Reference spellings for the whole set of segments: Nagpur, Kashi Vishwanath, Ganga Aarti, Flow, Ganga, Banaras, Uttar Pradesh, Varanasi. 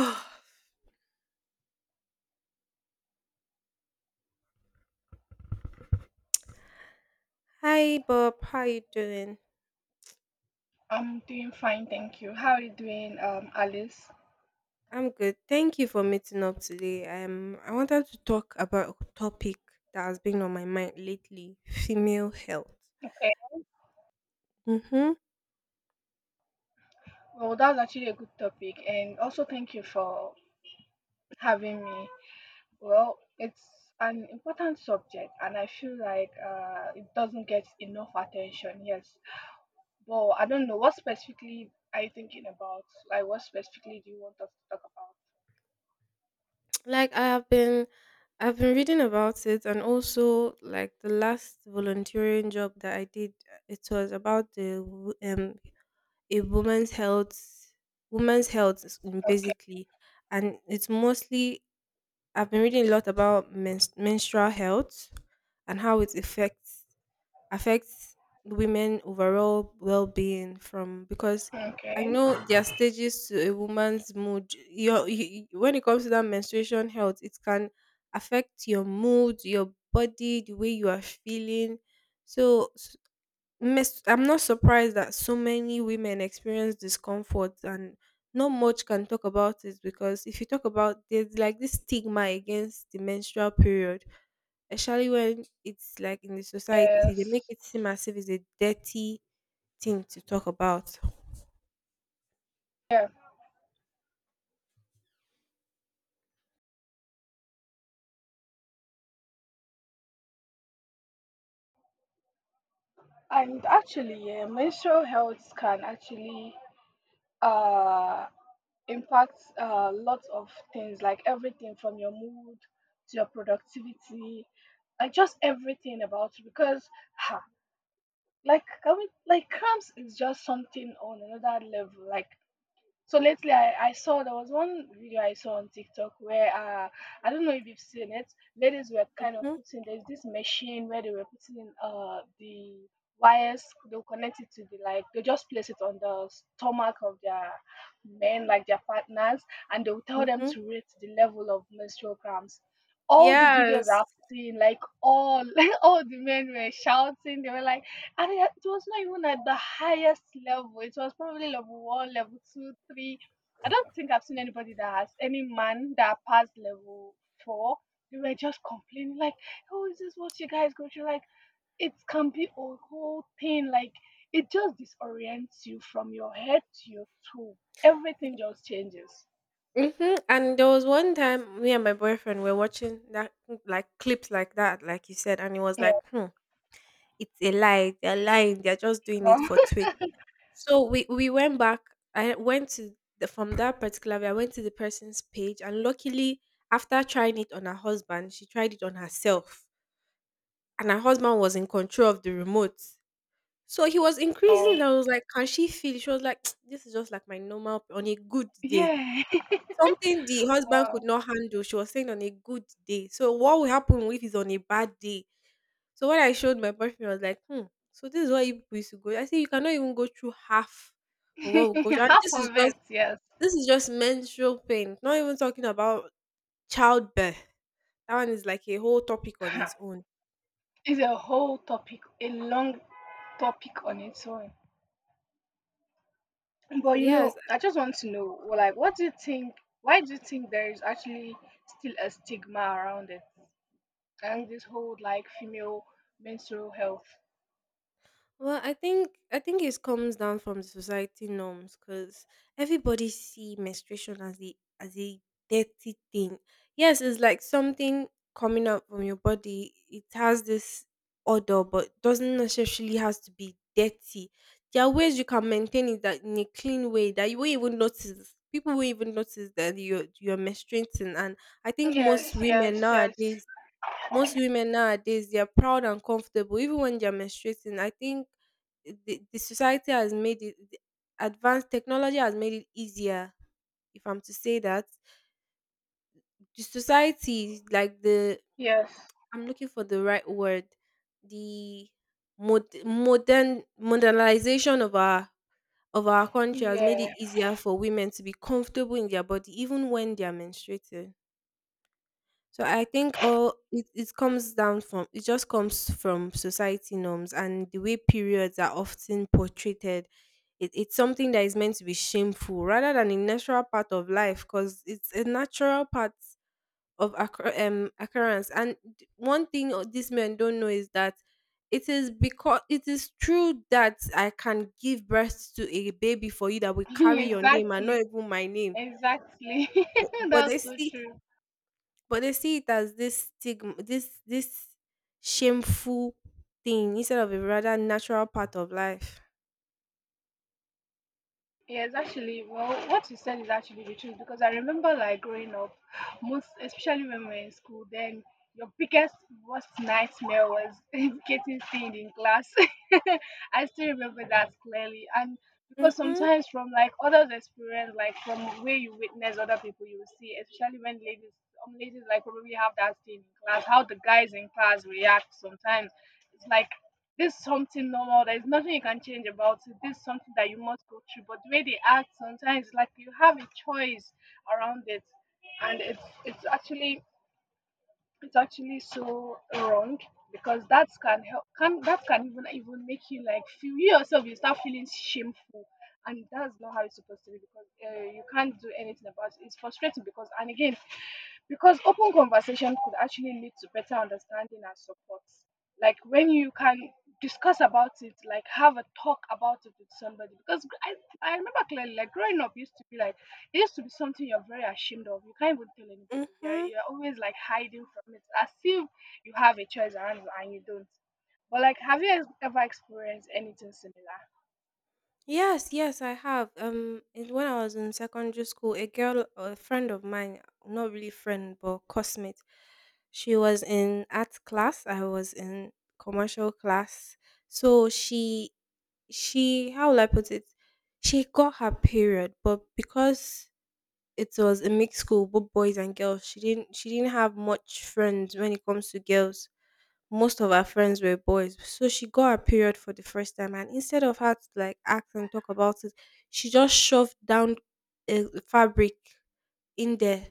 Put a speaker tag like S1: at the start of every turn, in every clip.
S1: Oh, hi Bob, how you doing?
S2: I'm doing fine, thank you. How are you doing, Alice?
S1: I'm good. Thank you for meeting up today. I wanted to talk about a topic that has been on my mind lately: female health.
S2: Okay.
S1: Mm-hmm.
S2: Well, that's actually a good topic, and also thank you for having me. Well, it's an important subject, and I feel like it doesn't get enough attention. Yes, but I don't know what specifically are you thinking about. Like, what specifically do you want us to talk
S1: Like I have been, I've been reading about it, and also like the last volunteering job that I did, it was about the a woman's health,
S2: about?
S1: basically, and it's mostly I've been reading a lot about menstrual health and how it affects women overall well-being from because
S2: Okay.
S1: I
S2: Okay.
S1: know there are stages to a woman's mood. When it comes to that menstruation health, it can affect your mood, your body, the way you are feeling. So Miss, I'm not surprised that so many women experience discomfort and not much can talk about it because if you talk about there's like this stigma against the menstrual period, especially when it's like in the society, they make
S2: Yes.
S1: it seem as if it's a dirty thing to talk about.
S2: Yeah. And actually, yeah, menstrual health can actually uh impacts lots of things, like everything from your mood to your productivity, like just everything about you because ha, like can we, like cramps is just something on another level. Like so lately, I saw there was one video I saw on TikTok where I don't know if you've seen it. Ladies were kind of
S1: hmm
S2: putting there's this machine where they were putting in, the wires, they'll connect it to the, like they just place it on the stomach of their men, like their partners, and they'll tell them
S1: hmm
S2: to rate the level of menstrual cramps. All the videos
S1: Yes.
S2: I've seen, like all like all the men were shouting, they were like, and it was not even at the highest level. It was probably level one, level two, three. I don't think I've seen anybody that has any man that passed level four. They were just complaining, like, oh, is this what you guys go through? Like, it can be a whole thing. Like, it just disorients you from your head to your toe. Everything just changes.
S1: Mm-hmm. And there was one time me and my boyfriend were watching that like clips like that, like you said, and it was
S2: Yeah.
S1: like, it's a lie. They're lying. They're just doing it for twit. So we went back. I went to the, from that particular way, I went to the person's page, and luckily, after trying it on her husband, she tried it on herself, and her husband was in control of the remote. So he was increasing.
S2: Wow.
S1: And I was like, "Can she feel?" She was like, "This is just like my normal p- on a good day."
S2: Yeah.
S1: Something the husband could
S2: Wow.
S1: not handle, she was saying on a good day. So what will happen if he's on a bad day? So when I showed my boyfriend, I was like, so this is what you people used to go. I said you cannot even go through half of what we go through. And
S2: Half of it, yes.
S1: this is just menstrual pain. Not even talking about childbirth. That one is like a whole topic on its own.
S2: It's a whole topic, a long topic on its own. But you
S1: Yes,
S2: know, I just want to know, well, like, what do you think? Why do you think there is actually still a stigma around it? And this whole like female menstrual health.
S1: well, I think it comes down from the society norms because everybody see menstruation as a dirty thing. Yes, it's like something coming out from your body. It has this odor, but doesn't necessarily has to be dirty. There are ways you can maintain it that in a clean way that you won't even notice. People won't even notice that you're menstruating, and I think
S2: Yes, yes, yes,
S1: most women nowadays they are proud and comfortable even when they are menstruating. I think the society has made it the advanced technology has made it easier if I'm to say that. The society, like the,
S2: yes.
S1: I'm looking for the right word, the modernization of our country has made it
S2: Yeah,
S1: easier for women to be comfortable in their body, even when they are menstruating. So I think all it comes down from it just comes from society norms and the way periods are often portrayed. It's something that is meant to be shameful rather than a natural part of life because it's a natural part of occurrence. And one these men don't know is that it is because it is true that I can give birth to a baby for you that will carry your name and not
S2: exactly,
S1: even my name.
S2: exactly.
S1: But, but they
S2: That's so
S1: see
S2: true.
S1: but they see it as this stigma, this shameful thing instead of a rather natural part of life.
S2: Yes, actually, well, what you said is actually the truth because I remember like growing up, most especially when we were in school, then your biggest worst nightmare was getting seen in class. I still remember that clearly, and because
S1: Mhm.
S2: sometimes from like others' experience, like from where you witness other people, you will see, especially when ladies, some ladies like probably have that thing in class, how the guys in class react sometimes. It's like this is something normal. There's nothing you can change about it. This is something that you must go through. But the way they act sometimes, like you have a choice around it, and it's actually it's actually so wrong because that can help, can that can even even make you like feel you yourself you start feeling shameful, and that's not how it's supposed to be because you can't do anything about it, it's frustrating because and again because open conversation could actually lead to better understanding and support, like when you can discuss about it, like have a talk about it with somebody because I remember clearly, like growing up used to be like it used to be something you're very ashamed of, you can't even tell anybody, you're,
S1: Mhm.
S2: you're always like hiding from it as if you have a choice around you and you don't. But like have you ever experienced anything similar?
S1: Yes, yes, I have. When I was in secondary school, a girl, a friend of mine, not really friend, but classmate, she was in art class. I was in commercial class. So how will I put it? She got her period, but because it was a mixed school, both boys and girls. She didn't have much friends when it comes to girls. Most of her friends were boys. So she got her period for the first time, and instead of her to like ask and talk about it, she just shoved down a fabric in there,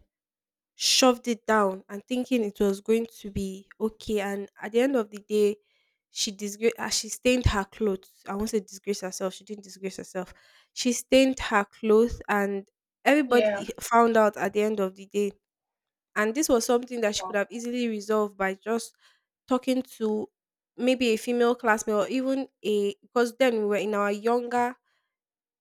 S1: shoved it down and thinking it was going to be okay. And at the end of the day, she she stained her clothes. I won't say disgrace herself. She didn't disgrace herself. She stained her clothes, and everybody
S2: Yeah.
S1: found out at the end of the day. And this was something that she could
S2: Oh,
S1: have easily resolved by just talking to maybe a female classmate or even a because then we were in our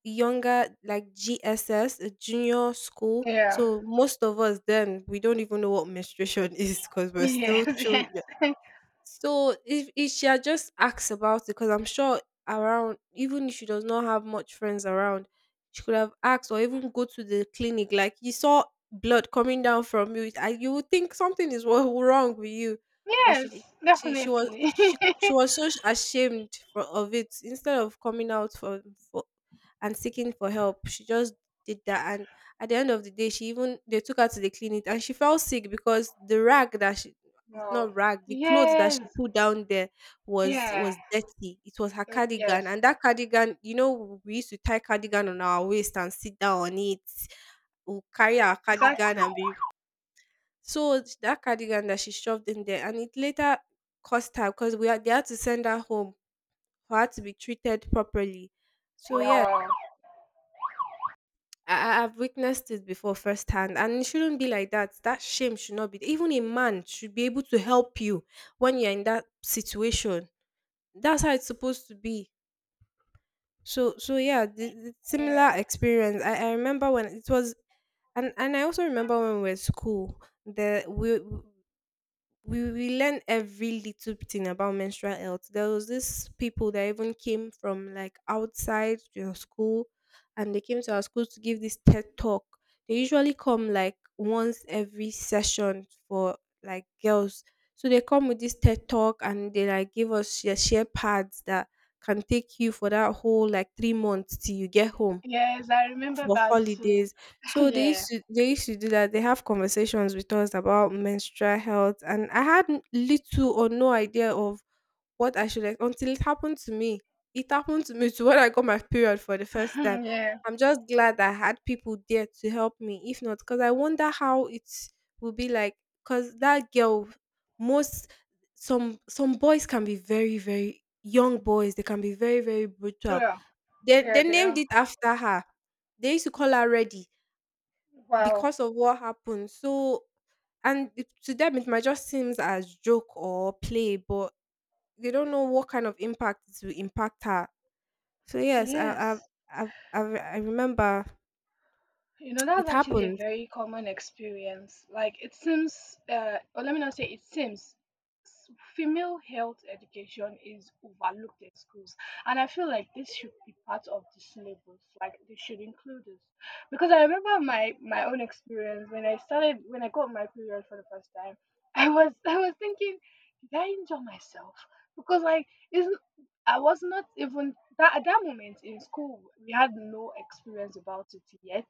S1: younger like GSS, junior school.
S2: yeah.
S1: So most of us then we don't even know what menstruation is because we're still
S2: Yes.
S1: children.
S2: Yes.
S1: So if she had just asked about it, because I'm sure around, even if she does not have much friends around, she could have asked or even go to the clinic. Like you saw blood coming down from you, and you would think something is wrong with you, but
S2: Yes. Definitely.
S1: she was so ashamed of it. Instead of coming out for and seeking for help, she just did that, and at the end of the day she even they took her to the clinic, and she fell sick because the rag that she it's
S2: Wow.
S1: not rag. The clothes that she
S2: Yes.
S1: put down there
S2: Yeah.
S1: was dirty. It was her
S2: Yeah.
S1: cardigan,
S2: Yes.
S1: and that cardigan, you know, we used to tie cardigan on our waist and sit down on it. We'll carry our cardigan
S2: Exactly.
S1: and be so it's that cardigan that she shoved in there, and it later cost her because we had they had to send her home for her to be treated properly. So yeah,
S2: Wow.
S1: I've witnessed it before firsthand, and it shouldn't be like that. That shame should not be. Even a man should be able to help you when you're in that situation. That's how it's supposed to be. So so yeah, the similar
S2: Yeah.
S1: experience I remember when it was. And I also remember when we were at school the we learn every little thing about menstrual health. There was this people that even came from like outside your school, and they came to our school to give this TED talk. They usually come like once every session for like girls. So they come with this TED talk and they like give us share pads that can take you for that whole like 3 months till you get home
S2: Yes, I remember
S1: for
S2: that too.
S1: holidays. So
S2: Yeah.
S1: they used to do that. They have conversations with us about menstrual health, and I had little or no idea of what I should until it happened to me. It happened to me to when I got my period for the first time.
S2: Yeah.
S1: I'm just glad I had people there to help me. If not, because I wonder how it will be like. Because that girl, most some boys can be very very young boys. They can be very very brutal
S2: Yeah.
S1: they named
S2: Yeah.
S1: it after her. They used to call her ready
S2: Wow.
S1: because of what happened. So and it- to them it might just seems as joke or play, but they don't know what kind of impact it will impact her. So yes,
S2: Yes.
S1: I, I, I remember
S2: You know, that's
S1: it
S2: actually a
S1: happened.
S2: very common experience. Like, it seems, or let me not say it seems, female health education is overlooked in schools. And I feel like this should be part of the syllabus. Like, they should include this. Because I remember my, my own experience when I started, when I got my period for the first time, I was, I was thinking, did I injure myself? Because, like, isn't, I was not even that at that moment in school. We had no experience about it yet,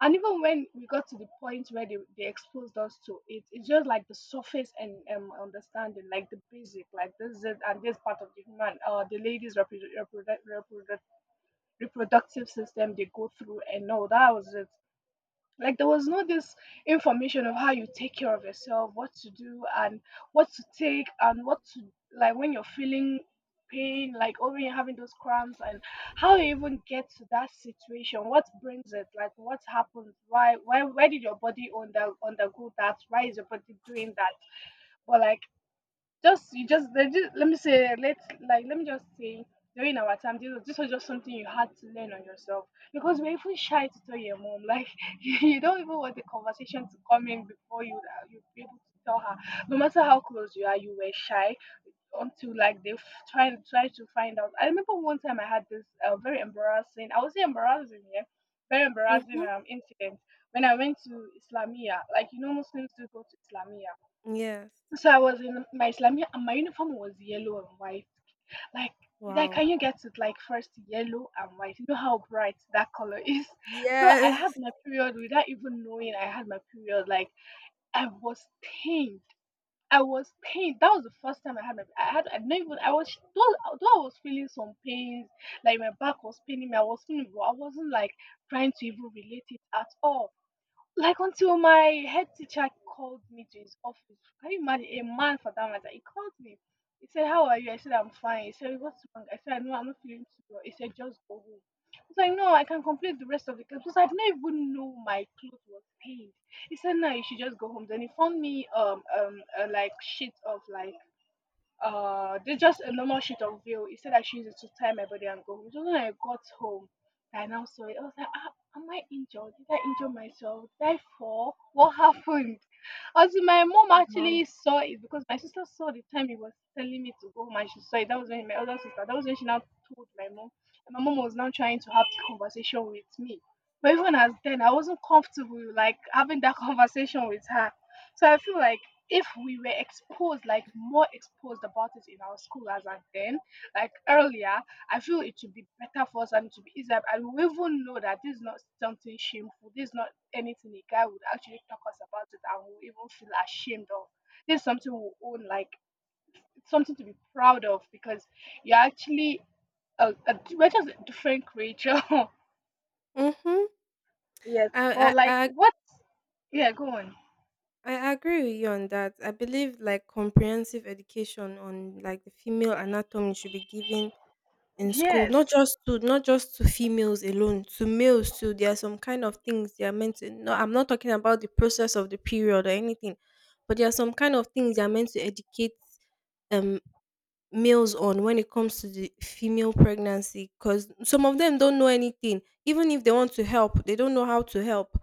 S2: and even when we got to the point where they exposed us to it, it's just like the surface and understanding, like the basic, like this is it, and this part of the human, the ladies' reproductive system they go through, and no, that was it. Like there was no this information of how you take care of yourself, what to do and what to take and what to, like when you're feeling pain, like or when you're having those cramps, and how you even get to that situation, what brings it, like what happened, why did your body undergo that, why is your body doing that? But like just you just they just, let me say, let, like let me just say, during our time, this was just something you had to learn on yourself because we're even shy to tell your mom, like you don't even want the conversation to come in before you you be able to tell her, no matter how close you are, you were shy until like they try to find out. I remember one time I had this very embarrassing, I would say embarrassing, yeah, very embarrassing
S1: hmm
S2: incident when I went to Islamia, like you know Muslims do go to Islamia.
S1: Yes.
S2: So I was in my Islamia and my uniform was yellow and white. Like like
S1: Wow.
S2: can you get it, like first yellow and white? You know how bright that color is. So I had
S1: Yes.
S2: my period without even knowing I had my period. Like I was pained. I was pained. That was the first time I had my I had I didn't even I was though I was feeling some pains, like my back was paining me, I was feeling but I wasn't like trying to even relate it at all. Like until my head teacher called me to his office. Can you imagine a man, for that matter? He called me. He said, "How are you?" I said, "I'm fine." He said, "What's wrong?" I said, "No, I'm not feeling too well." He said, "Just go home." I was like, "No, I can complete the rest of the class," because I didn't even know my clothes was stained. He said, "No, you should just go home." Then he found me a, like sheet of like they just a normal sheet of veil. He said I should use it to tie my body and go home. So when I got home, I now saw it. I was like, ah, am I injured? Did I injure myself? Did I fall? What happened? As in, my mom
S1: Wow.
S2: actually saw it because my sister saw the time he was telling me to go home and she saw it. That was when my other sister, that was when she now told my mom. And my mom was now trying to have the conversation with me. But even as then, I wasn't comfortable like having that conversation with her. So I feel like if we were exposed, like more exposed about it in our school as at then, like earlier, I feel it should be better for us and it should be easier. And we even know that this is not something shameful. This is not anything a guy would actually talk us about it and we even feel ashamed of. This is something we own, like it's something to be proud of because you're actually we're just a different creature.
S1: Mm-hmm.
S2: Yes,
S1: I,
S2: but like
S1: I I
S2: what? Yeah, go on.
S1: I agree with you on that. I believe like comprehensive education on like the female anatomy should be given in school, not
S2: Yes.
S1: just to females alone, to males too. There are some kind of things they are meant to no I'm not talking about the process of the period or anything, but there are some kind of things they are meant to educate um males on when it comes to the female pregnancy, because some of them don't know anything. Even if they want to help, they don't know how to help.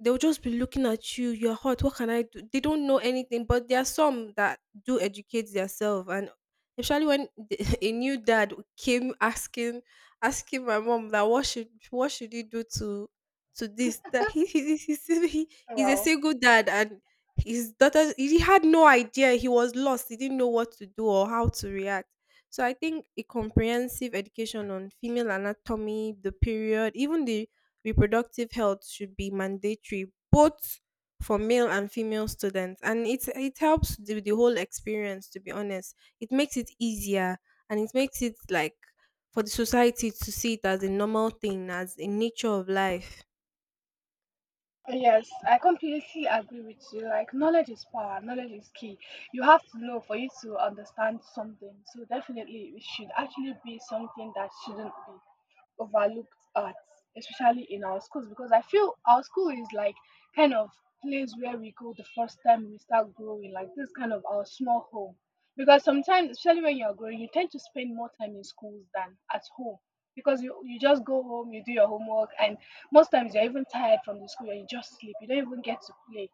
S1: They'll just be looking at you, you're hot, what can I do? They don't know anything, but there are some that do educate themselves. And especially a new dad came asking my mom that what should he do to this that he- he's a
S2: Wow.
S1: single dad and his daughter. He had no idea, he was lost, he didn't know what to do or how to react. So I think a comprehensive education on female anatomy, the period, even the reproductive health should be mandatory, both for male and female students. And it helps the whole experience, to be honest. It makes it easier and it makes it like for the society to see it as a normal thing, as a nature of life.
S2: Yes, I completely agree with you. Like, knowledge is power, knowledge is key. You have to know for you to understand something. So, definitely, it should actually be something that shouldn't be overlooked at, especially in our schools, because I feel our school is like kind of place where we go the first time we start growing, like this kind of our small home. Because sometimes, especially when you're growing, you tend to spend more time in schools than at home because you just go home, you do your homework, and most times you're even tired from the school and you just sleep. You don't even get to play.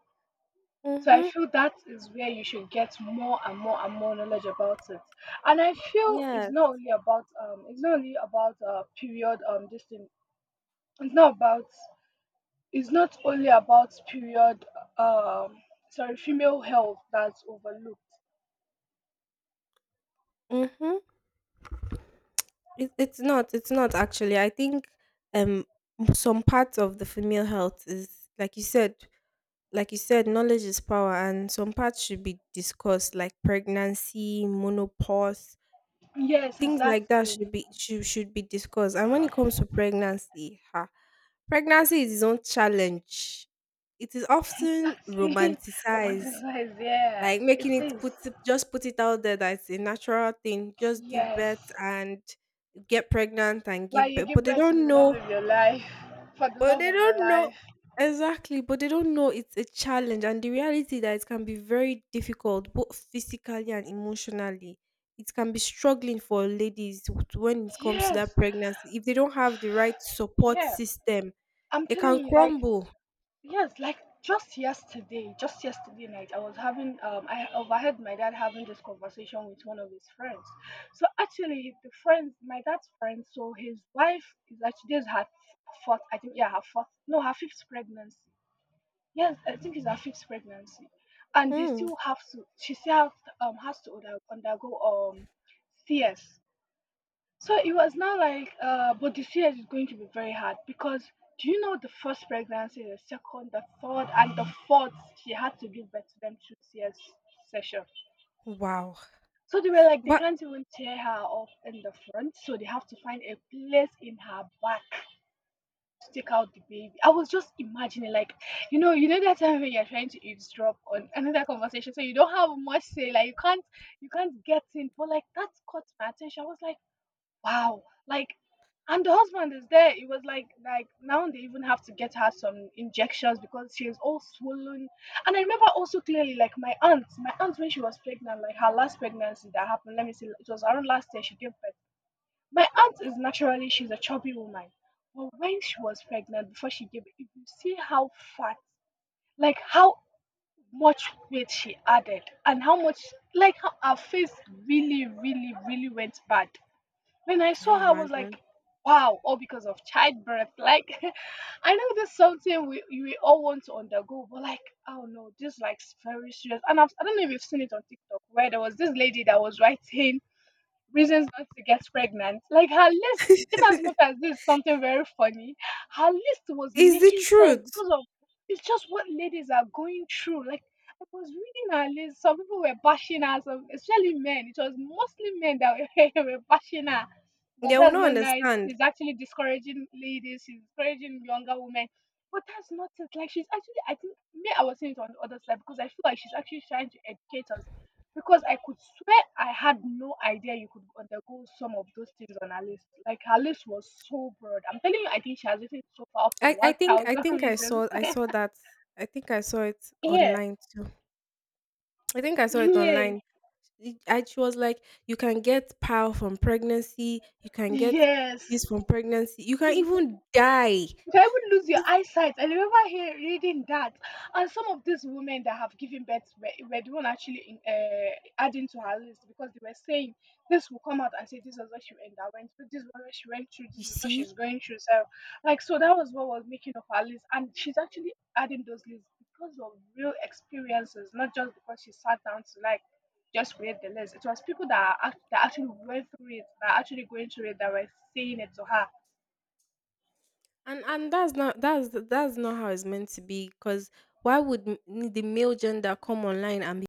S2: So I
S1: Mm-hmm.
S2: feel that is where you should get more and more and more knowledge about it. And I feel it's
S1: Yes.
S2: not only about it's not only about period this thing. It's not about it's not only about period um sorry female health that's overlooked.
S1: Mm-hmm. It's not, it's not actually, I think, um some parts of the female health is like you said, knowledge is power, and some parts should be discussed, like pregnancy, menopause,
S2: Yes,
S1: things like that
S2: exactly,
S1: should be discussed. And when it comes to pregnancy, ha, pregnancy is its own challenge. It is often
S2: exactly.
S1: romanticized,
S2: Romanticize, yeah,
S1: like
S2: it
S1: making
S2: is.
S1: just put it out there that it's a natural thing. Just give birth
S2: Yes.
S1: and get pregnant and
S2: Like
S1: give
S2: you
S1: birth, but
S2: give
S1: they
S2: birth to
S1: don't
S2: the love
S1: know.
S2: of your life, for the
S1: but
S2: love
S1: they
S2: of your
S1: don't know
S2: life.
S1: exactly, but they don't know it's a challenge and the reality that it can be very difficult, both physically and emotionally. It can be struggling for ladies when it comes to
S2: Yes,
S1: that pregnancy. If they don't have the right support
S2: yeah.
S1: system,
S2: I'm
S1: they
S2: telling
S1: can
S2: you, like
S1: crumble.
S2: yes, like just yesterday night, I overheard my dad having this conversation with one of his friends. So actually, the friend, my dad's friend, so his wife is actually this is her fourth, I think, yeah, her fourth, no, her fifth pregnancy. Yes, I think it's her fifth pregnancy, and they
S1: Mm.
S2: still have to. She still have, has to undergo CS. So it was not like, but this year is going to be very hard because do you know the first pregnancy, the second, the third, and the fourth, she had to give birth to them two CS session.
S1: Wow.
S2: So they were like, they
S1: But
S2: can't even tear her off in the front, so they have to find a place in her back to take out the baby. I was just imagining, like, you know that time when you're trying to eavesdrop on another conversation, so you don't have much say, like you can't get in. But like that caught my attention. I was like wow. Like and the husband is there. It was like now they even have to get her some injections because she is all swollen. And I remember also clearly like my aunt when she was pregnant, like her last pregnancy that happened, let me see, it was around last year she gave birth. My aunt is naturally she's a chubby woman. But when she was pregnant before she gave birth, if you see how fat, like how much weight she added and how much like how her face really, really, really went bad when I
S1: can you
S2: saw her, I was
S1: imagine?
S2: like, wow, all because of childbirth. Like, I know this something we all want to undergo, but like, oh no, this is like is very serious. And I don't know if you've seen it on TikTok where there was this lady that was writing reasons not to get pregnant. Like her list, in as much as this is something very funny, her list was
S1: Is the
S2: making sense
S1: truth.
S2: because of it's just what ladies are going through. Like I was reading her list, some people were bashing her, some especially men. It was mostly men that were, were bashing her. That
S1: They will
S2: that's
S1: not
S2: not nice.
S1: understand.
S2: She's actually discouraging ladies. She's discouraging younger women. But that's not it. Like she's actually, I think, me, I was saying it on the other side because I feel like she's actually trying to educate us because I could swear I had no idea you could undergo some of those things on her list. Like her list was so broad. I'm telling you, I think she has written so far up to
S1: I, I
S2: one
S1: think I
S2: thousand
S1: think I
S2: reasons.
S1: saw that. I think I saw it
S2: Yeah,
S1: online too. I think I saw it
S2: yeah,
S1: online. She was like, you can get PAL from pregnancy, you can get
S2: yes.
S1: this from pregnancy, you can even die.
S2: You can even lose your
S1: It's,
S2: eyesight. I remember here reading that. And some of these women that have given birth were the one actually adding to her list because they were saying this will come out and say this was what she underwent, but this was what she went through, this
S1: you
S2: is what
S1: see,
S2: she's going through. So, like, so that was what was making up her list. And she's actually adding those lists because of real experiences, not just because she sat down to like just create the list. It was people that, that actually went through it, that are actually going through it, that were saying it to her.
S1: and that's not that's not how it's meant to be. Because why would the male gender come online and be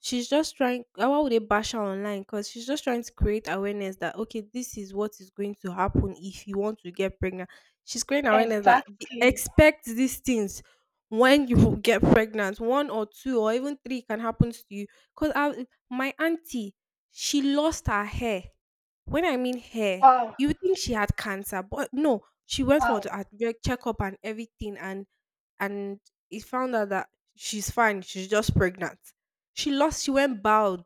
S1: she's just trying, why would they bash her online? Because she's just trying to create awareness that okay, this is what is going to happen if you want to get pregnant. She's creating awareness that
S2: Exactly.
S1: expect these things when you will get pregnant. One or two or even three can happen to you, because my auntie, she lost her hair. When I mean hair,
S2: Wow.
S1: you would think she had cancer, but no. She went for the
S2: Wow,
S1: checkup and everything and and it found out that she's fine, she's just pregnant. She lost. She went bald.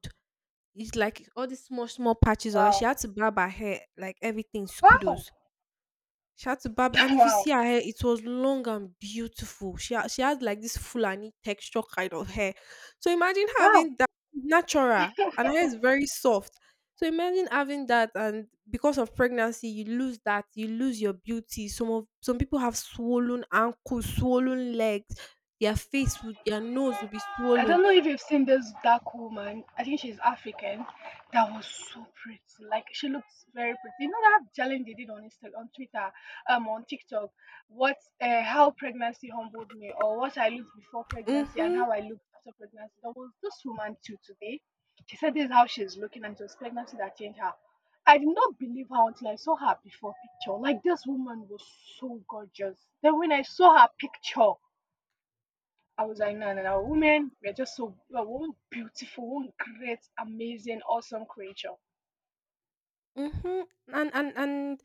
S1: It's like all these small, small patches of it. She
S2: wow,
S1: had to barb her hair, like everything.
S2: wow,
S1: Kudos. She had to barb, and if you
S2: wow,
S1: see her hair, it was long and beautiful. She had like this Fulani texture kind of hair. So imagine
S2: wow.
S1: having that natural, and her hair is very soft. So imagine having that, and because of pregnancy, you lose that. You lose your beauty. Some people have swollen ankles, swollen legs. Their nose will be
S2: I
S1: swollen.
S2: don't know if you've seen this dark woman. I think she's African. That was so pretty. Like she looks very pretty. You know that challenge they did on Insta, on Twitter, on TikTok. How pregnancy humbled me, or what I looked before pregnancy and
S1: Mm-hmm.
S2: how I looked after pregnancy. There was this woman too today. She said this is how she's looking, and it was pregnancy that changed her. I did not believe her until I saw her before picture. Like this woman was so gorgeous. Then when I saw her picture. I was like, no, no, no, women, we're just so we're one beautiful, one great, amazing, awesome creature.
S1: Mhm. And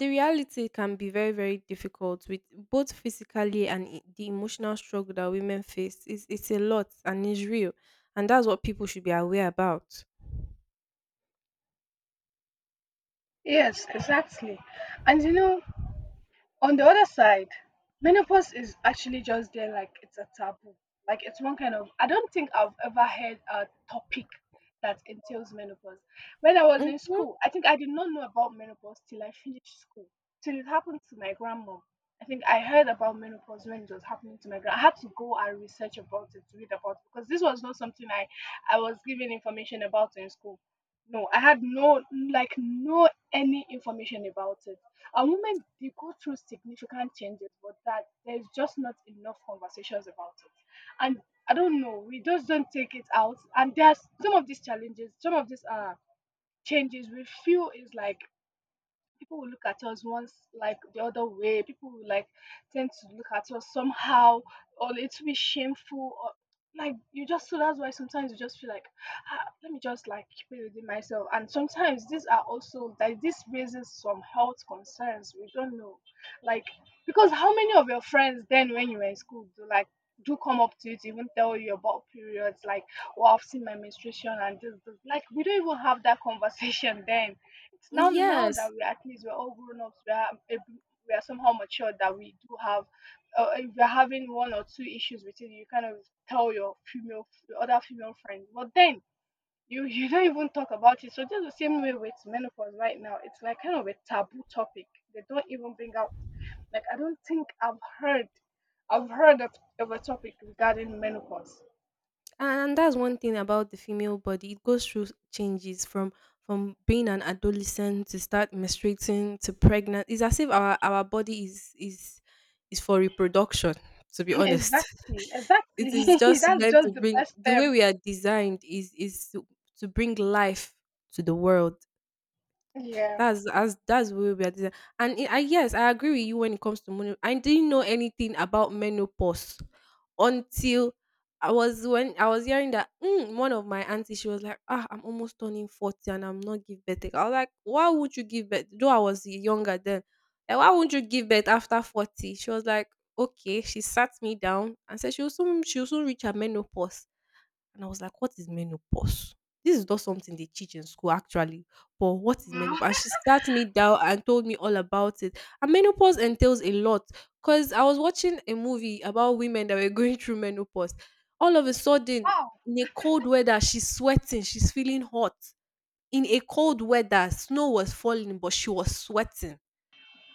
S1: the reality can be very, very difficult with, both physically and the emotional struggle that women face. It's a lot and it's real, and that's what people should be aware about.
S2: Yes, exactly. And you know, on the other side, menopause is actually just there like it's a taboo. Like it's one kind of I don't think I've ever heard a topic that entails menopause. When I was in
S1: Mm-hmm.
S2: school, I think I did not know about menopause till I finished school. Till it happened to my grandma. I think I heard about menopause when it was happening to my grandma. I had to go and research about it, to read about it because this was not something I was given information about in school. No, I had no like no any information about it. And women they go through significant changes, but that there's just not enough conversations about it. And I don't know, we just don't take it out. And there's some of these challenges, some of these changes we feel is like people will look at us once like the other way people will like tend to look at us somehow or it'll be shameful or like you just so that's why sometimes you just feel like ah, let me just like keep it within myself and sometimes these are also like this raises some health concerns we don't know like because how many of your friends then when you were in school do like do come up to you to even tell you about periods like oh I've seen my menstruation and this. Like we don't even have that conversation then it's now that
S1: Yes,
S2: we're at least we're all grown ups, we are able, we are somehow mature that we do have. If you're having one or two issues with it, you kind of tell your female your other female friend. But then you you don't even talk about it. So just the same way with menopause right now, it's like kind of a taboo topic. They don't even bring out. Like I don't think I've heard of a topic regarding menopause.
S1: and that's one thing about the female body: it goes through changes from being an adolescent to start menstruating to pregnant. It's as if our body is for reproduction, to be honest.
S2: Exactly,
S1: It
S2: exactly.
S1: is just
S2: That's
S1: meant to
S2: just the
S1: bring,
S2: best
S1: the way
S2: term.
S1: we are designed is to bring life to the world.
S2: Yeah.
S1: That's as that's where we are design- And it, I, yes, I agree with you. When it comes to money, I didn't know anything about menopause until I was when I was hearing that, mm, one of my aunties, she was like, "Ah, I'm almost turning 40 and I'm not give birth yet." I was like, why would you give birth? Though I was younger then, like, why won't you give birth after 40? She was like, okay. She sat me down and said she will soon reach her menopause. And I was like, "What is menopause? This is not something they teach in school, actually, but what is
S2: Wow.
S1: menopause?" And she sat me down and told me all about it. And menopause entails a lot, cause I was watching a movie about women that were going through menopause. All of a sudden,
S2: Wow.
S1: in a cold weather, she's sweating, she's feeling hot. In a cold weather, snow was falling, but she was sweating.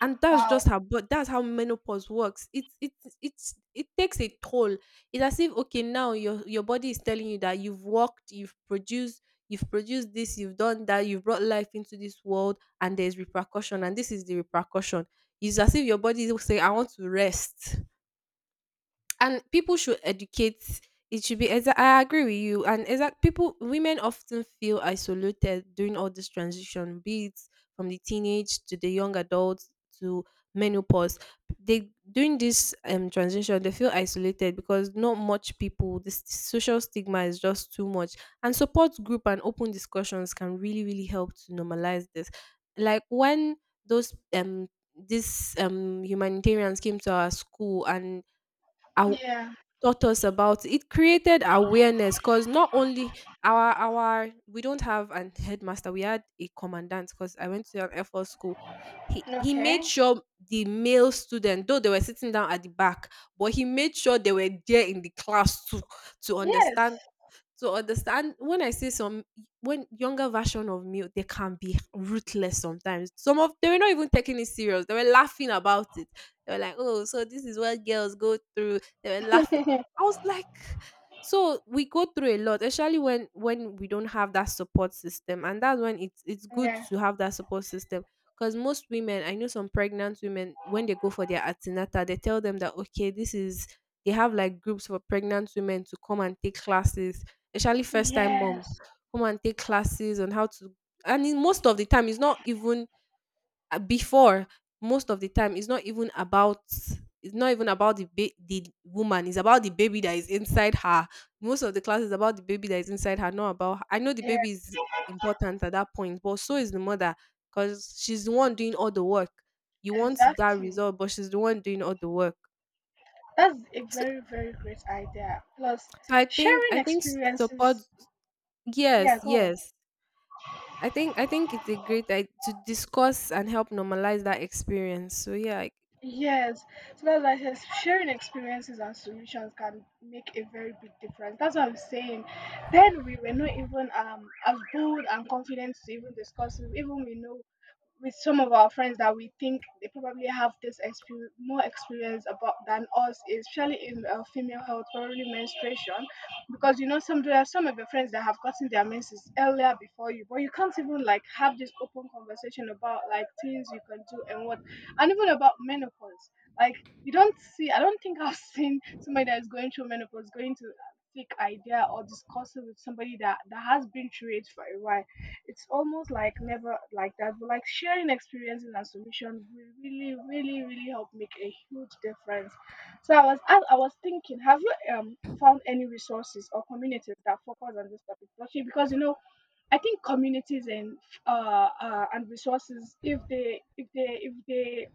S1: and that's
S2: Wow.
S1: just how but that's how menopause works. It's it's it takes a toll. It's as if okay, now your body is telling you that you've worked, you've produced, this, you've done that, you've brought life into this world, and there's repercussion, and this is the repercussion. It's as if your body will say, I want to rest. And people should educate. It should be I agree with you, and exact people, women often feel isolated during all this transition, be it from the teenage to the young adult to menopause. They, during this transition, they feel isolated because not much people, the social stigma is just too much. And support group and open discussions can really, really help to normalize this. Like when those these humanitarians came to our school and I
S2: Yeah.
S1: taught us about it, created awareness. Because not only our we don't have an headmaster, we had a commandant because I went to an air force school. He made
S2: Okay.
S1: sure the male student, though they were sitting down at the back, but he made sure they were there in the class to
S2: Yes.
S1: understand, to understand. When I say some, when younger version of me, they can be ruthless sometimes. Some of they were not even taking it serious. They were laughing about it. They were like, "Oh, so this is what girls go through." They were laughing. I was like, so we go through a lot, especially when we don't have that support system, and that's when it's good
S2: Yeah.
S1: to have that support system. Because most women, I know some pregnant women, when they go for their antenatal, they tell them that okay, this is, they have like groups for pregnant women to come and take classes, especially first time moms,
S2: Yes.
S1: come and take classes on how to. And in most of the time it's not even, before most of the time it's not even about, the the woman, it's about the baby that is inside her. Most of the class is about the baby that is inside her, not about her. I know the
S2: Yeah,
S1: baby is important at that point, but so is the mother, because she's the one doing all the work. You want that
S2: exactly.
S1: result, but she's the one doing all the work.
S2: That's a
S1: So,
S2: very, very great idea. Plus,
S1: so i think
S2: sharing
S1: i think support,
S2: experiences.
S1: yes,
S2: Yeah, go on.
S1: yes. I think it's a great I to discuss and help normalize that experience. So yeah, I,
S2: Yes. So that's why I says sharing experiences and solutions can make a very big difference. That's what I'm saying. Then we were not even as bold and confident to even discuss it. Even we know with some of our friends that we think they probably have this experience, more experience about than us, especially in female health, probably menstruation, because you know some there are some of your friends that have gotten their menses earlier before you, but you can't even like have this open conversation about like things you can do and what, and even about menopause. Like you don't see, I don't think I've seen somebody that is going through menopause going to seek idea or discuss it with somebody that has been through it for a while it's almost like never like that, but like sharing experiences and solutions will really, really, really help make a huge difference. So I was thinking, have you found any resources or communities that focus on this topic? Actually, because you know, I think communities and and resources, if they if they if they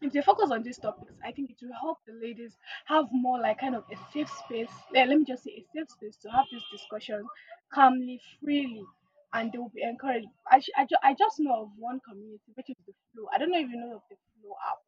S2: if they focus on these topics, I think it will help the ladies have more like kind of a safe space. Let me just say a safe space to have this discussion calmly, freely, and they will be encouraged. I, sh- I, ju- I just know of one community, which is the Flow. I don't know if you know of the Flow app.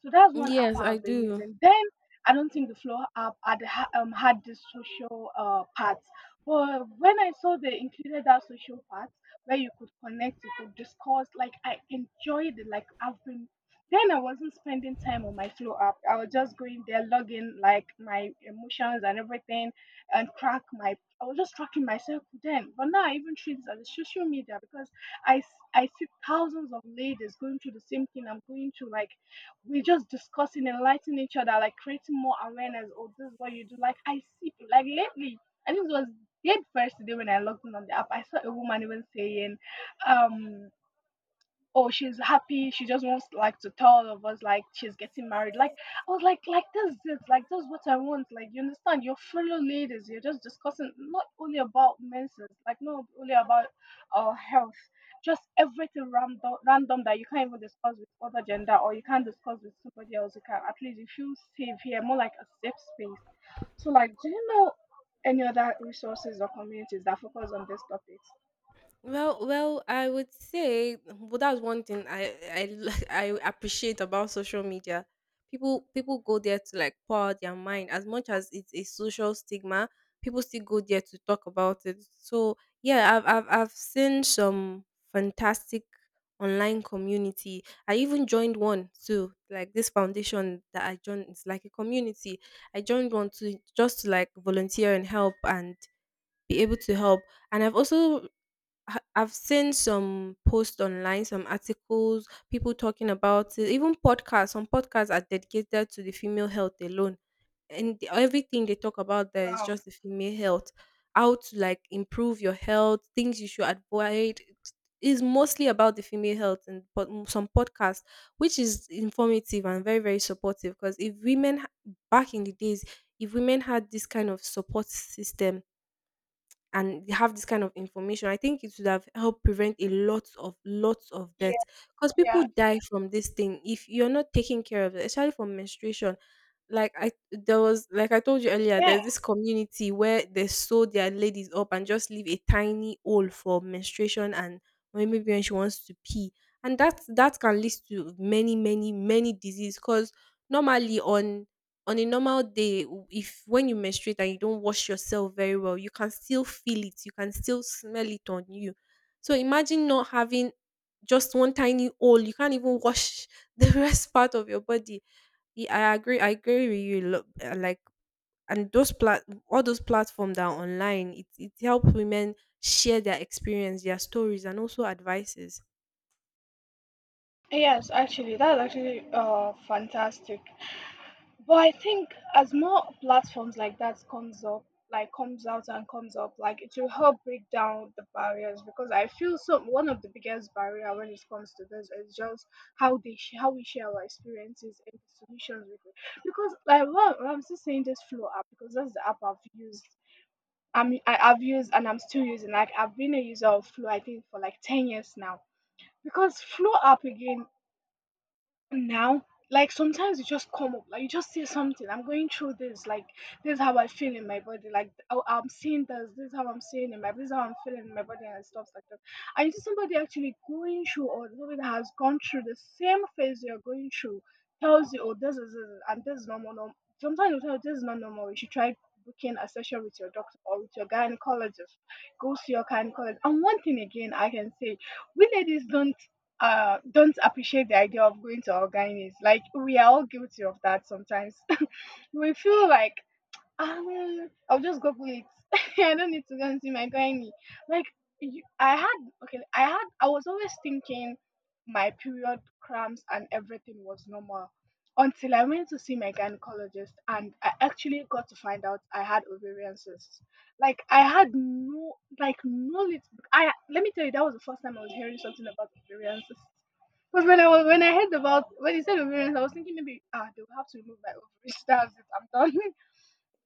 S2: So that's one app
S1: yes, I
S2: I've been
S1: do.
S2: using. Then I don't think the Flow app had this social part. But when I saw they included that social part where you could connect, you could discuss, like I enjoyed it. Like I've been then I wasn't spending time on my flow app. I was just going there, logging like my emotions and everything, and track my. I was just tracking myself then. But now I even treat it as a social media because I see thousands of ladies going through the same thing I'm going through. Like we're just discussing, enlightening each other, like creating more awareness. Oh, this is what you do. Like I see, like lately, I think it was the first day when I logged in on the app. I saw a woman even saying, um oh, she's happy. She just wants like to tell all of us like she's getting married. Like I was like this is it, like this is what I want. Like you understand your fellow ladies. You're just discussing, not only about menses, like not only about health, just everything random random that you can't even discuss with other gender, or you can't discuss with somebody else. You can at least you feel safe here, more like a safe space. So like, do you know any other resources or communities that focus on these topics?
S1: Well, I would say, well, that's one thing I I appreciate about social media. People go there to like pour out their mind. As much as it's a social stigma, people still go there to talk about it. So yeah, I've seen some fantastic online community. I even joined one too. Like this foundation that I joined, it's like a community. I joined one to just to like volunteer and help and be able to help. And I've also I've seen some posts online, some articles, people talking about it, even podcasts. Some podcasts are dedicated to the female health alone, and everything they talk about there is
S2: Um,
S1: just the female health, how to like improve your health, things you should avoid. Is mostly about the female health and but some podcasts, which is informative and very, very supportive. Because if women back in the days, if women had this kind of support system and they have this kind of information, I think it would have helped prevent a lot of lots of
S2: yeah,
S1: death, because people
S2: yeah,
S1: die from this thing if you're not taking care of it, especially for menstruation. Like I, there was, like I told you earlier,
S2: yeah.
S1: there's this community where they sew their ladies up and just leave a tiny hole for menstruation and maybe when she wants to pee. And that, that can lead to many, many, many disease, because normally on a normal day, if when you menstruate and you don't wash yourself very well, you can still feel it, you can still smell it on you. So imagine not having just one tiny hole. You can't even wash the rest part of your body. I agree. I agree with you. Like, and those plat all those platforms that are online, it helps women share their experience, their stories, and also advices.
S2: Yes, actually, that's actually fantastic. But I think as more platforms like that comes up, like comes out and comes up, like it will help break down the barriers, because I feel so one of the biggest barrier when it comes to this is just how they how we share our experiences and the solutions we could. Because like, well, I'm still saying this Flow app because that's the app I've used. I've used and I'm still using. Like I've been a user of Flow I think for like 10 years now because Flow app again now, like sometimes it just come up, like you just say something. I'm going through this, like this is how I feel in my body. Like, oh, I'm seeing this, this is how I'm seeing in my, this is how I'm feeling in my body and stuff like that. And you see somebody actually going through or somebody that has gone through the same phase you're going through tells you, oh, this is and this is normal normal. Sometimes you tell this is not normal, you should try booking a session with your doctor or with your gynecologist. Go see your gynecologist. And one thing again I can say, we ladies don't appreciate the idea of going to organics, like we are all guilty of that sometimes. We feel like I'll just Google it. I don't need to go and see my gynae. Like, you, I had, okay, I had, I was always thinking my period cramps and everything was normal until I went to see my gynecologist and I actually got to find out I had ovarian cysts. Like, I had no, like, no, lit- I, let me tell you, that was the first time I was hearing something about ovarian cysts. Because when I heard, about when he said ovarians, I was thinking maybe ah they will have to remove my ovaries. That's it. I'm done.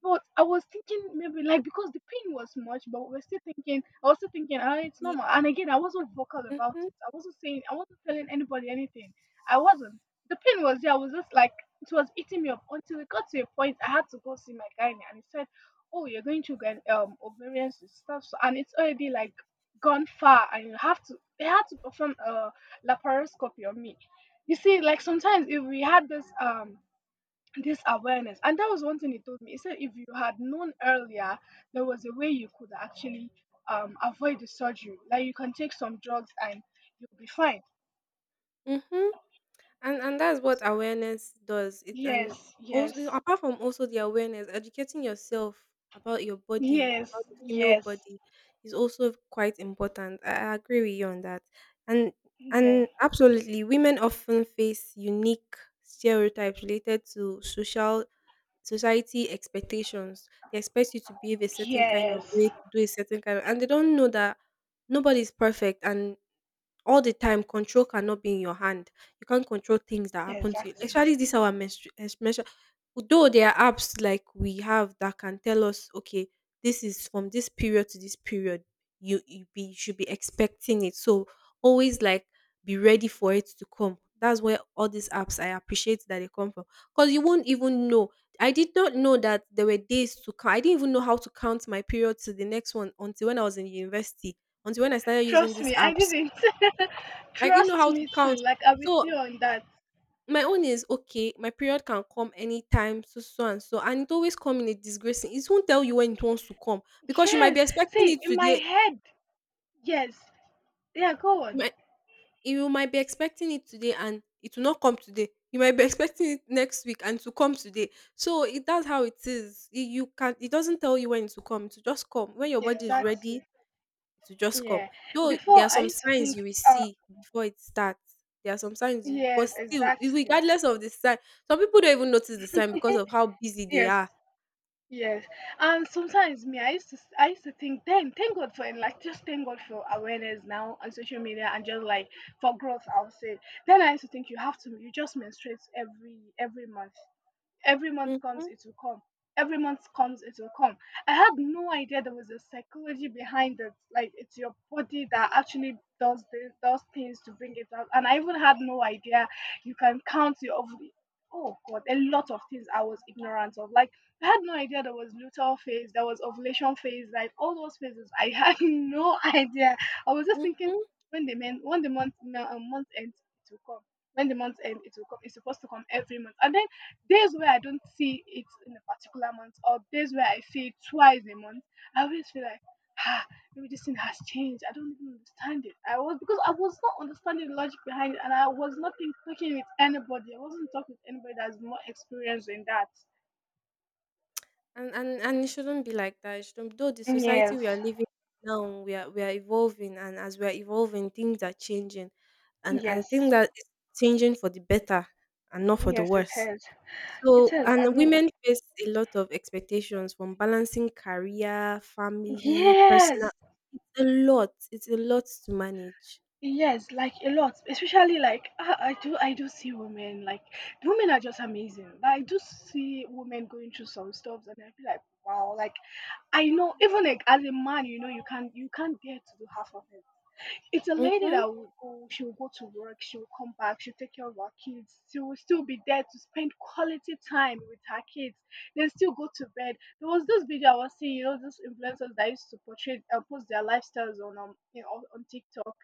S2: But I was thinking maybe like because the pain was much, but we're still thinking. I was still thinking, ah, it's normal. And again, I wasn't vocal about
S1: Mm-hmm.
S2: it. I wasn't saying. I wasn't telling anybody anything. I wasn't. The pain was there. I was just like it was eating me up until it got to a point. I had to go see my guy, and he said, "Oh, you're going to get ovarian cyst stuff, so, and it's already like gone far, and you have to. They had to perform a laparoscopy on me." You see, like sometimes if we had this this awareness. And that was one thing he told me. He said, if you had known earlier, there was a way you could actually avoid the surgery. Like you can take some drugs and you'll be fine.
S1: Mm-hmm. And that's what awareness does. It, and
S2: Yes,
S1: also
S2: yes,
S1: apart from also the awareness, educating yourself about your body, about
S2: yes,
S1: the female
S2: yes,
S1: body is also quite important. I agree with you on that. And
S2: yeah,
S1: absolutely, women often face unique stereotypes related to social society expectations. They expect you to behave a certain kind of
S2: yes,
S1: way, to do a certain kind of and they don't know that nobody's perfect and all the time control cannot be in your hand. You can't control things that happen to you.
S2: exactly.
S1: Especially this our menstruation. Though there are apps like we have that can tell us, okay, this is from this period to this period. You should be expecting it. So always like be ready for it to come. That's where all these apps I appreciate that they come from. Because you won't even know. I did not know that there were days to count. I didn't even know how to count my period to the next one until when I was in university. Until when I started using
S2: Trust
S1: these
S2: me, I
S1: apps
S2: didn't.
S1: I didn't know
S2: Trust
S1: how to
S2: me too.
S1: count.
S2: Like I'm with
S1: So
S2: you on that.
S1: my own is okay, my period can come anytime, so so and so. And it always come in a disgracing. It won't tell you when it wants to come because you might be
S2: Yes.
S1: expecting
S2: See,
S1: it
S2: in my
S1: today.
S2: head, yes. Yeah, go
S1: You
S2: on.
S1: might, you might be expecting it today and it will not come today. You might be expecting it next week and to come today. So it that's how it is. It, you can it doesn't tell you when it will come, it will just come. When your body is ready,
S2: Exactly.
S1: to just come.
S2: Yeah.
S1: Though there
S2: Before
S1: are
S2: I
S1: some
S2: used to
S1: signs
S2: think.
S1: you will
S2: uh,
S1: see before it starts. There are some signs, but
S2: Yes,
S1: still,
S2: exactly.
S1: regardless of the sign, some people don't even notice the sign because of how busy they
S2: Yes,
S1: are.
S2: yes. And sometimes me, I used to think then, thank God for, and like just thank God for awareness now on social media and just like for growth. I would say. Then I used to think you have to, you just menstruate every month. Every month comes,
S1: Mm-hmm,
S2: it will come. Every month comes, it will come. I had no idea there was a psychology behind it. Like it's your body that actually does does things to bring it out. And I even had no idea you can count your ovary. Oh God, a lot of things I was ignorant of. Like I had no idea there was luteal phase, there was ovulation phase, like all those phases. I had no idea. I was just thinking
S1: mm-hmm.
S2: when the month, no, month ends, it will come. When the month ends, it will come. It's supposed to come every month. And then days where I don't see it in a particular month, or days where I see it twice a month, I always feel like, ah, maybe this thing has changed. I don't even understand it. I was, because I was not understanding the logic behind it, and I was not talking with anybody. I wasn't talking with anybody that's more experienced in that.
S1: And it shouldn't be like that. It shouldn't. Though the society
S2: Yes,
S1: we are living now, we are evolving, and as we are evolving, things are changing, and I
S2: yes,
S1: think that it's changing for the better and not for the
S2: yes, it
S1: worse.
S2: is. It
S1: So,
S2: is. I
S1: and
S2: mean,
S1: women face a lot of expectations from balancing career, family, personal.
S2: yes.
S1: It's a lot. It's a lot to manage.
S2: Yes, like a lot, especially like, ah, I do see women, like women are just amazing. Like, I do see women going through some stuff and I feel like, wow, like I know even like as a man, you know, you can't get to do half of it. It's a lady
S1: Mm-hmm.
S2: that will go, she will go to work, she will come back, she'll take care of our kids. She will still be there to spend quality time with her kids. Then still go to bed. There was this video I was seeing, you know, those influencers that used to post their lifestyles on you know, on TikTok,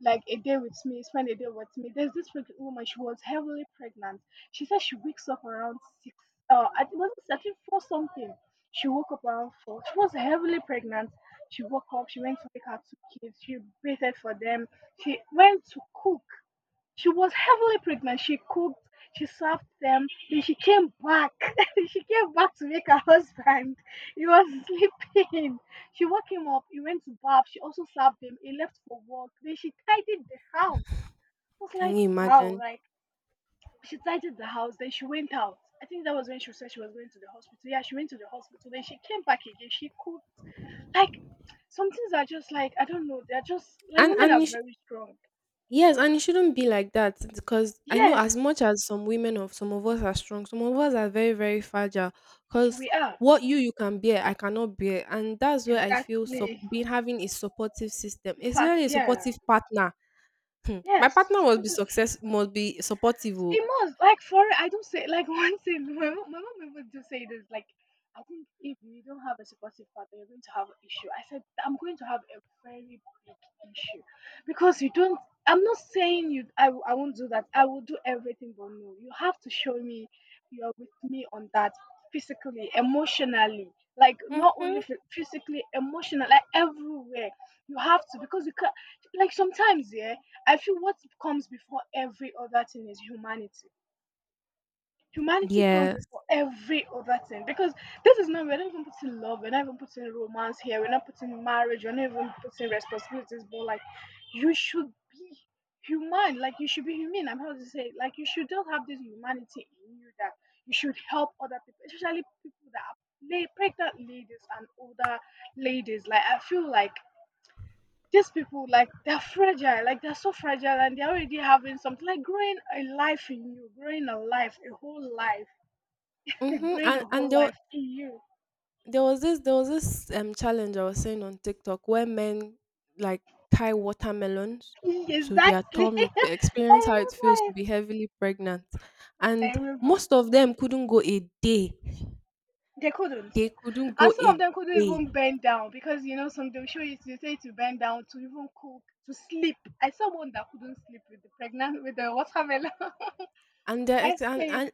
S2: like a day with me, spend a day with me. There's this pregnant woman, she was heavily pregnant. She said she wakes up around six, I think- was it, I think four something. She woke up around four. She was heavily pregnant. She woke up, she went to pick her two kids, she waited for them, she went to cook. She was heavily pregnant. She cooked, she served them, then she came back. She came back to make her husband. He was sleeping. She woke him up, he went to bath, she also served him, he left for work, then she tidied the house. I was
S1: Can
S2: like,
S1: you
S2: wow.
S1: imagine?
S2: Like she tidied the house, then she went out. I think that was when she said she was going to the hospital. Yeah, she went to the hospital, then she came back again. She cooked. Like some things are just, like, I don't know, they're just, like,
S1: And
S2: women are
S1: and you sh-
S2: very strong.
S1: yes, and it shouldn't be like that because I know
S2: Yes,
S1: as much as some women of some of us are strong, some of us are very very fragile. Because
S2: we are,
S1: what you can bear, I cannot bear, and that's where I feel so
S2: exactly.
S1: being having a supportive system,
S2: In fact,
S1: especially a
S2: yeah,
S1: supportive partner. Hmm. My
S2: yes.
S1: partner must be
S2: Supposed,
S1: success, must be supportive. Oh.
S2: it must like, for, I don't say like, one thing, my mom, my mom even do say this like, I think if you don't have a supportive partner, you're going to have an issue. I said, I'm going to have a very big issue because you don't. I'm not saying you. I won't do that. I will do everything, but no, you have to show me you're with me on that physically, emotionally, like not only
S1: Mhm.
S2: physically, emotionally, like everywhere. You have to, because you can't. Like sometimes, yeah, I feel what comes before every other thing is humanity. Humanity comes
S1: Yes.
S2: before every other thing, because this is not, we're not even putting love, we're not even putting romance here, we're not putting marriage, we're not even putting responsibilities. But like, you should be human. Like you should be human. I'm how to say, like, you should not have this humanity in you, that you should help other people, especially people that are pregnant ladies and older ladies. Like I feel like these people, like they're fragile, like they're so fragile, and they're already having something like growing a life in you, growing a life, a whole life,
S1: Mhm.
S2: growing a whole
S1: And there, wa-
S2: life in you.
S1: there was this challenge I was seeing on TikTok where men like tie watermelons to their
S2: Exactly.
S1: tummy to experience
S2: I
S1: how it feels
S2: remember
S1: to
S2: it.
S1: be heavily pregnant. And
S2: I remember
S1: most of them couldn't go a day.
S2: they couldn't.
S1: They couldn't go
S2: And some
S1: a
S2: of them couldn't
S1: day.
S2: even bend down because you know some, they will show you, they say to bend down to even cook, to sleep. I saw one that couldn't sleep with the pregnant, with the watermelon.
S1: And they
S2: I
S1: ex-
S2: sleep.
S1: and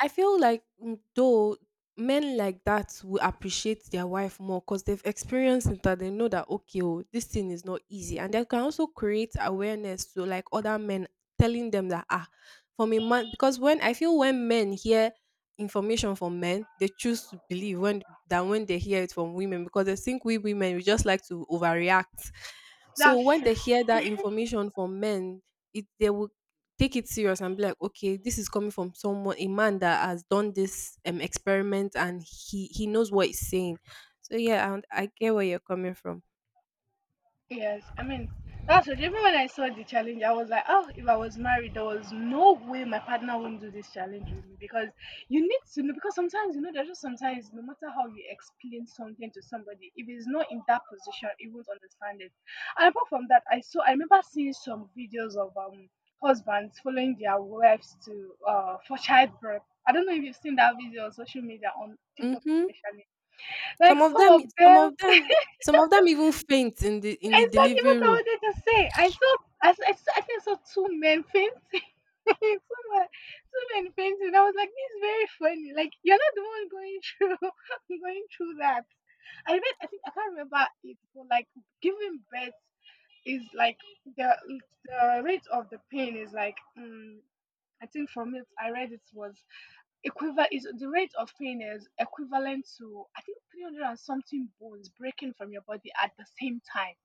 S1: I feel like though men like that will appreciate their wife more because they've experienced it and they know that okay, oh, this thing is not easy, and they can also create awareness to like other men, telling them that ah, from a man because when I feel when men hear information from men, they choose to believe when than when they hear it from women because they think we women we just like to overreact. So
S2: That's
S1: when they
S2: true.
S1: hear that information from men, it they will take it serious and be like, okay, this is coming from someone, a man that has done this experiment and he knows what he's saying. So yeah, and I get where you're coming from.
S2: Yes, I mean, that's what, even when I saw the challenge, I was like, oh, if I was married, there was no way my partner wouldn't do this challenge with me, because you need to know, because sometimes, you know, there's just sometimes, no matter how you explain something to somebody, if it's not in that position, it won't understand it. And apart from that, I saw, I remember seeing some videos of husbands following their wives to for childbirth. I don't know if you've seen that video on social media, on TikTok
S1: Hmm.
S2: especially. Like
S1: Some of
S2: some
S1: them,
S2: of
S1: some
S2: them,
S1: of them, some of them even faint in the
S2: it's not even
S1: delivery
S2: what I
S1: room.
S2: wanted to say. I saw, I think I saw two men fainting. Two men, two men fainting. I was like, this is very funny. Like, you're not the one going through going through that. I read, I think, I can't remember it, but like, giving birth is like, the the rate of the pain is like, I think from it, I read it was Equiva is the rate of pain is equivalent to I think 300 and something bones breaking from your body at the same time.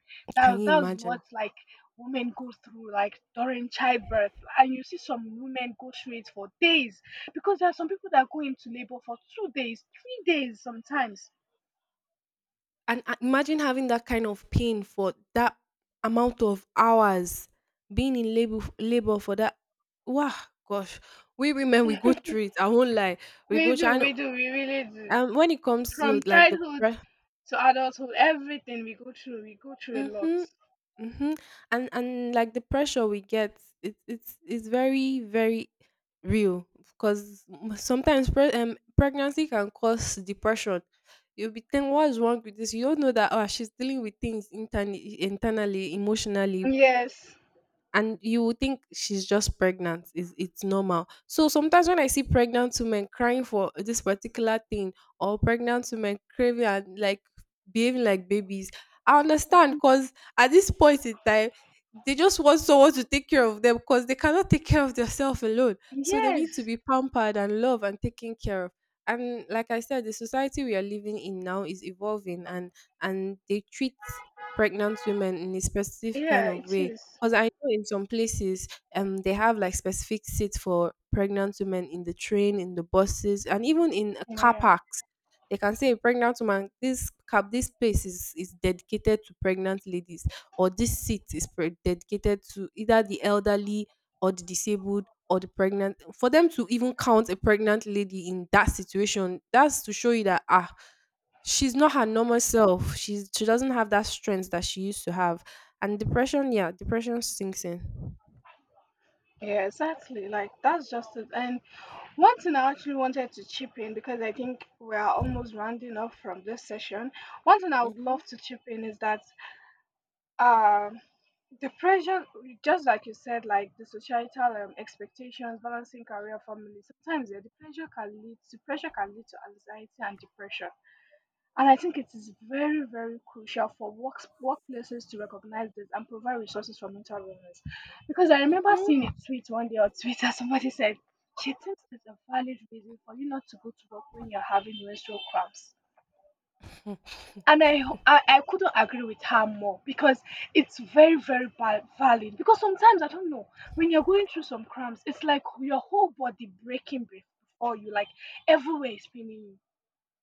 S1: Can
S2: That
S1: you
S2: that's what
S1: imagine?
S2: like women go through like during childbirth, and you see some women go through it for days because there are some people that go into labor for 2 days, 3 days sometimes.
S1: And imagine having that kind of pain for that amount of hours, being in labor for that. Wow, gosh, we women we go through it. I won't lie, we
S2: We
S1: go through.
S2: do, we do, we really do.
S1: When it comes to
S2: From
S1: like
S2: childhood to adulthood, everything we go through a lot.
S1: Mhm, mhm, and like the pressure we get, it's very very real because sometimes pregnancy can cause depression. You'll be thinking, what's wrong with this? You don't know that oh, she's dealing with things internally, internally, emotionally
S2: Yes,
S1: and you would think she's just pregnant is it's normal. So sometimes when I see pregnant women crying for this particular thing or pregnant women craving and like behaving like babies, I understand because at this point in time they just want someone to take care of them because they cannot take care of themselves alone, so they need to
S2: yes,
S1: be pampered and loved and taken care of. And like I said, the society we are living in now is evolving, and they treat pregnant women in a specific kind
S2: yeah,
S1: of
S2: it
S1: way
S2: is.
S1: because I know in some places, they have like specific seats for pregnant women in the train, in the buses, and even in car
S2: Yeah.
S1: parks. They can say a pregnant woman, this cab, this place is dedicated to pregnant ladies, or this seat is dedicated to either the elderly or the disabled or the pregnant. For them to even count a pregnant lady in that situation, that's to show you that ah, she's not her normal self. She's she doesn't have that strength that she used to have and depression, yeah, depression sinks in.
S2: Yeah, exactly. Like that's just it. And one thing I actually wanted to chip in because I think we are almost rounding off from this session. One thing I would
S1: Mhm,
S2: love to chip in is that um the pressure, just like you said, like the societal expectations, balancing career, family. Sometimes yeah, The pressure can lead to anxiety and depression. And I think it is very, very crucial for workplaces to recognize this and provide resources for mental wellness. Because I remember
S1: mhm.
S2: seeing a tweet one day on Twitter, somebody said, she thinks it's a valid reason for you not to go to work when you're having menstrual cramps. And I couldn't agree with her more because it's very, valid. Because sometimes, I don't know, when you're going through some cramps, it's like your whole body breaking be- before you, like everywhere is paining you.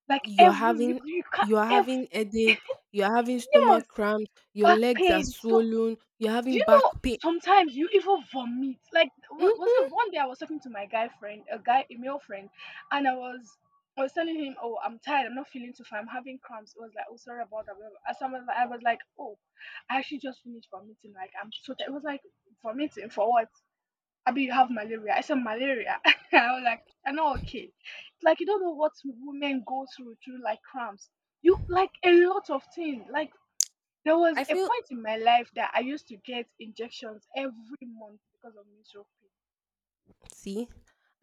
S2: Like
S1: You're
S2: every, you,
S1: having
S2: you can't,
S1: you're
S2: ev-
S1: having headache, you're having
S2: Yes.
S1: stomach cramps, your
S2: Back
S1: legs are
S2: pain. So
S1: swollen, you're
S2: do
S1: having
S2: you know
S1: back pain.
S2: sometimes you even vomit? Like
S1: Mm,
S2: was it one day I was talking to my guy friend, a male friend, and I was telling him, oh, I'm tired, I'm not feeling too fine, I'm having cramps. It was like, oh, sorry about that, whatever. As I was like, oh, I actually just finished vomiting, like I'm so tired. It was like vomiting for what? I mean you have malaria. I said malaria. I was like, I'm not okay. Like you don't know what women go through through like cramps. You like a lot of things. Like there was
S1: I
S2: a
S1: feel
S2: point in my life that I used to get injections every month because of menstrual pain.
S1: see,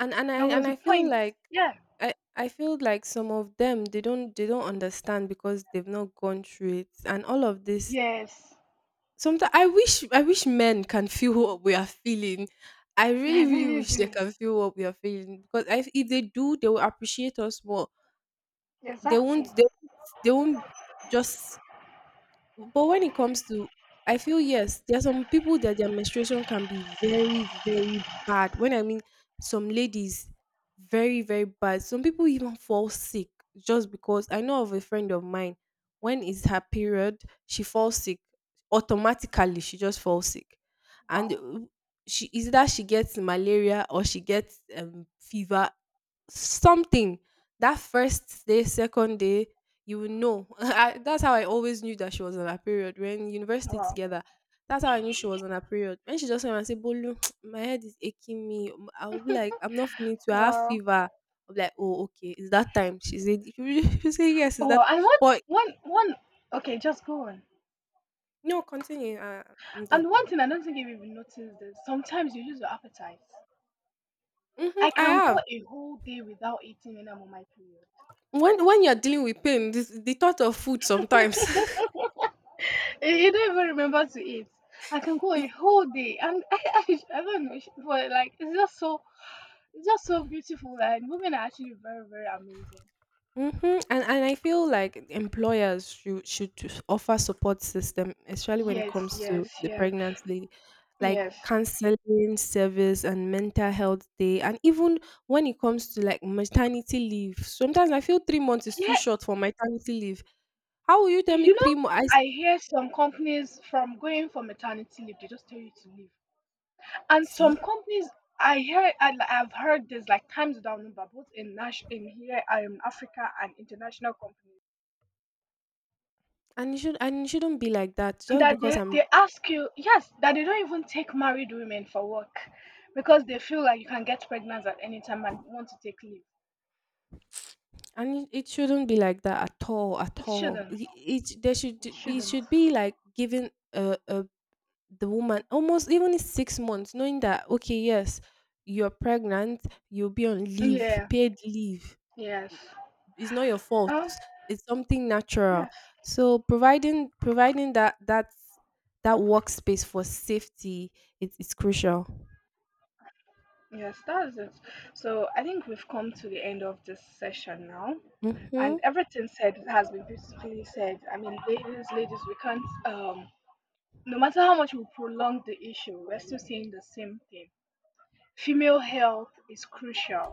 S1: and and I
S2: There
S1: and
S2: was a
S1: I feel
S2: point.
S1: like
S2: Yeah.
S1: I feel like some of them they don't understand because they've not gone through it, and all of this.
S2: Yes.
S1: Sometimes I wish men can feel what we are feeling. I really,
S2: I
S1: really
S2: really
S1: wish they
S2: do.
S1: can feel what we are feeling because I if they do, they will appreciate us more. They
S2: Exactly.
S1: won't they won't they won't just But when it comes to, I feel yes, there are some people that their menstruation can be very, very bad. When I mean some ladies, very, very bad. Some people even fall sick just because I know of a friend of mine. When is her period, she falls sick automatically. She just falls sick, and
S2: Wow.
S1: she is that she gets malaria or she gets fever. Something. That first day, second day, you will know. That's how I always knew that she was on her period. We're in university
S2: Wow.
S1: together. That's how I knew she was on her period. When she just came and said, Bolu, my head is aching me. I would be like, I'm not feeling too. I have
S2: Wow.
S1: fever. I'm like, oh, okay. It's that time. She said, she said yes, it's
S2: Oh,
S1: that.
S2: wow. And
S1: But
S2: one. Okay, just go on.
S1: no, continue. I'm done.
S2: And one thing I don't think you've even noticed is sometimes you lose your appetite.
S1: Hmm,
S2: I
S1: I
S2: can go
S1: have.
S2: a whole day without eating when I'm on my period.
S1: When you're dealing with pain, this, the thought of food sometimes.
S2: You don't even remember to eat. I can go
S1: it.
S2: a whole day, and I don't know, but like it's just so beautiful. And women are actually very, very amazing.
S1: Mhm, and I feel like employers should to offer support system, especially when it
S2: Yes,
S1: comes to
S2: yes,
S1: the
S2: yes,
S1: pregnant lady, like
S2: yes.
S1: counseling service and mental health day, and even when it comes to like maternity leave. Sometimes I feel 3 months is too
S2: Yeah,
S1: short for maternity leave. How will you tell me
S2: you know,
S1: 3 months?
S2: I hear some companies from going for maternity leave, they just tell you to leave, and some
S1: See,
S2: companies. I hear I've heard this like times without number, both in Nash in here, Africa and international companies.
S1: and it shouldn't be like that. Just
S2: That
S1: because I'm
S2: they ask you yes that they don't even take married women for work because they feel like you can get pregnant at any time and want to take leave.
S1: And it shouldn't be like that at all, at
S2: it
S1: all.
S2: shouldn't it
S1: It
S2: shouldn't
S1: should be like given a the woman almost even in 6 months, knowing that okay, yes, you're pregnant, you'll be on leave,
S2: Yeah.
S1: paid leave.
S2: Yes.
S1: It's not your fault.
S2: Oh
S1: It's something natural.
S2: yes.
S1: So providing that that workspace for safety is crucial.
S2: Yes, that's it. So I think we've come to the end of this session now,
S1: Mm-hmm.
S2: and everything said has been beautifully said. I mean, ladies, we can't no matter how much we prolong the issue we're still seeing the same thing. Female health is crucial.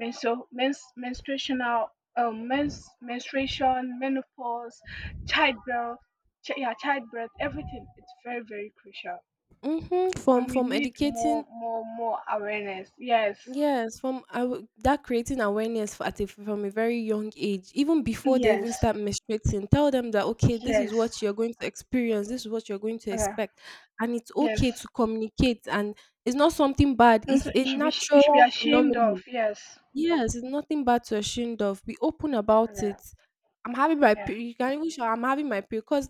S2: Menstruational, menstruation, menopause, childbirth, yeah, childbirth, everything. It's very, very crucial,
S1: Mm-hmm. From
S2: and we need
S1: educating.
S2: more awareness. Yes,
S1: Yes, from I w- that creating awareness at from a very young age, even before they
S2: yes,
S1: even start menstruating, tell them that okay, this is
S2: yes,
S1: what you're going to experience, this is what you're going to
S2: yeah,
S1: expect, and it's okay
S2: yes.
S1: to communicate, and it's not something bad.
S2: And
S1: It's
S2: so
S1: a
S2: you should you should be
S1: natural
S2: ashamed of.
S1: phenomenon.
S2: Yes,
S1: Yes, it's nothing bad to ashamed of. Be open about
S2: yeah,
S1: it. I'm having my
S2: yeah,
S1: period. You can even show I'm having my period. Because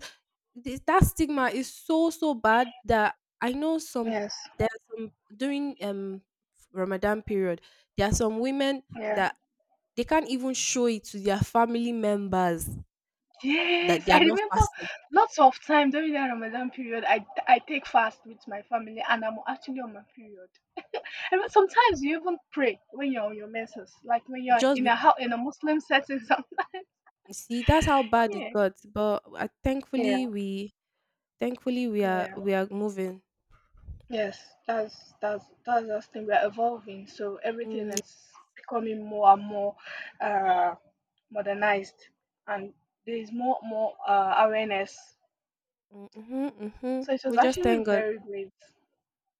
S1: this, that stigma is so, so bad that I know some,
S2: yes,
S1: there are some during Ramadan period, there are some women
S2: yeah.
S1: that they can't even show it to their family members that
S2: Yes,
S1: they are
S2: I
S1: not
S2: remember
S1: fasting.
S2: lots of time during that Ramadan period, I take fast with my family, and I'm actually on my period. And but sometimes you even pray when you're on your menses, like when you're
S1: Just
S2: in
S1: be,
S2: a house in a Muslim setting. Sometimes,
S1: See, that's how bad it
S2: yeah,
S1: got.
S2: yeah,
S1: Thankfully,
S2: yeah.
S1: we are moving.
S2: Yes, that's the thing. We're evolving, so
S1: Mm,
S2: everything
S1: yeah.
S2: is becoming more and more uh, modernized, and there is more awareness.
S1: Mm-hmm, mm-hmm.
S2: So it was
S1: We just
S2: actually
S1: thank God.
S2: very great.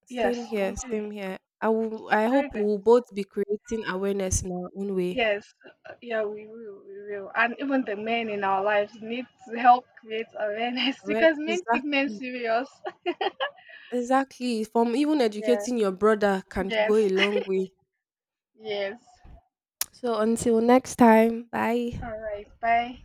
S2: Yes,
S1: Same here,
S2: we do.
S1: same here.
S2: It's
S1: I
S2: very
S1: hope
S2: great.
S1: we'll both be creating awareness in our own way.
S2: Yes, yeah, we will. And even the men in our lives need to help create awareness because men take men
S1: Exactly,
S2: serious.
S1: exactly. From even
S2: Yeah.
S1: educating your brother can go
S2: Yes.
S1: a long way.
S2: Yes.
S1: So until next time, bye.
S2: All right. Bye.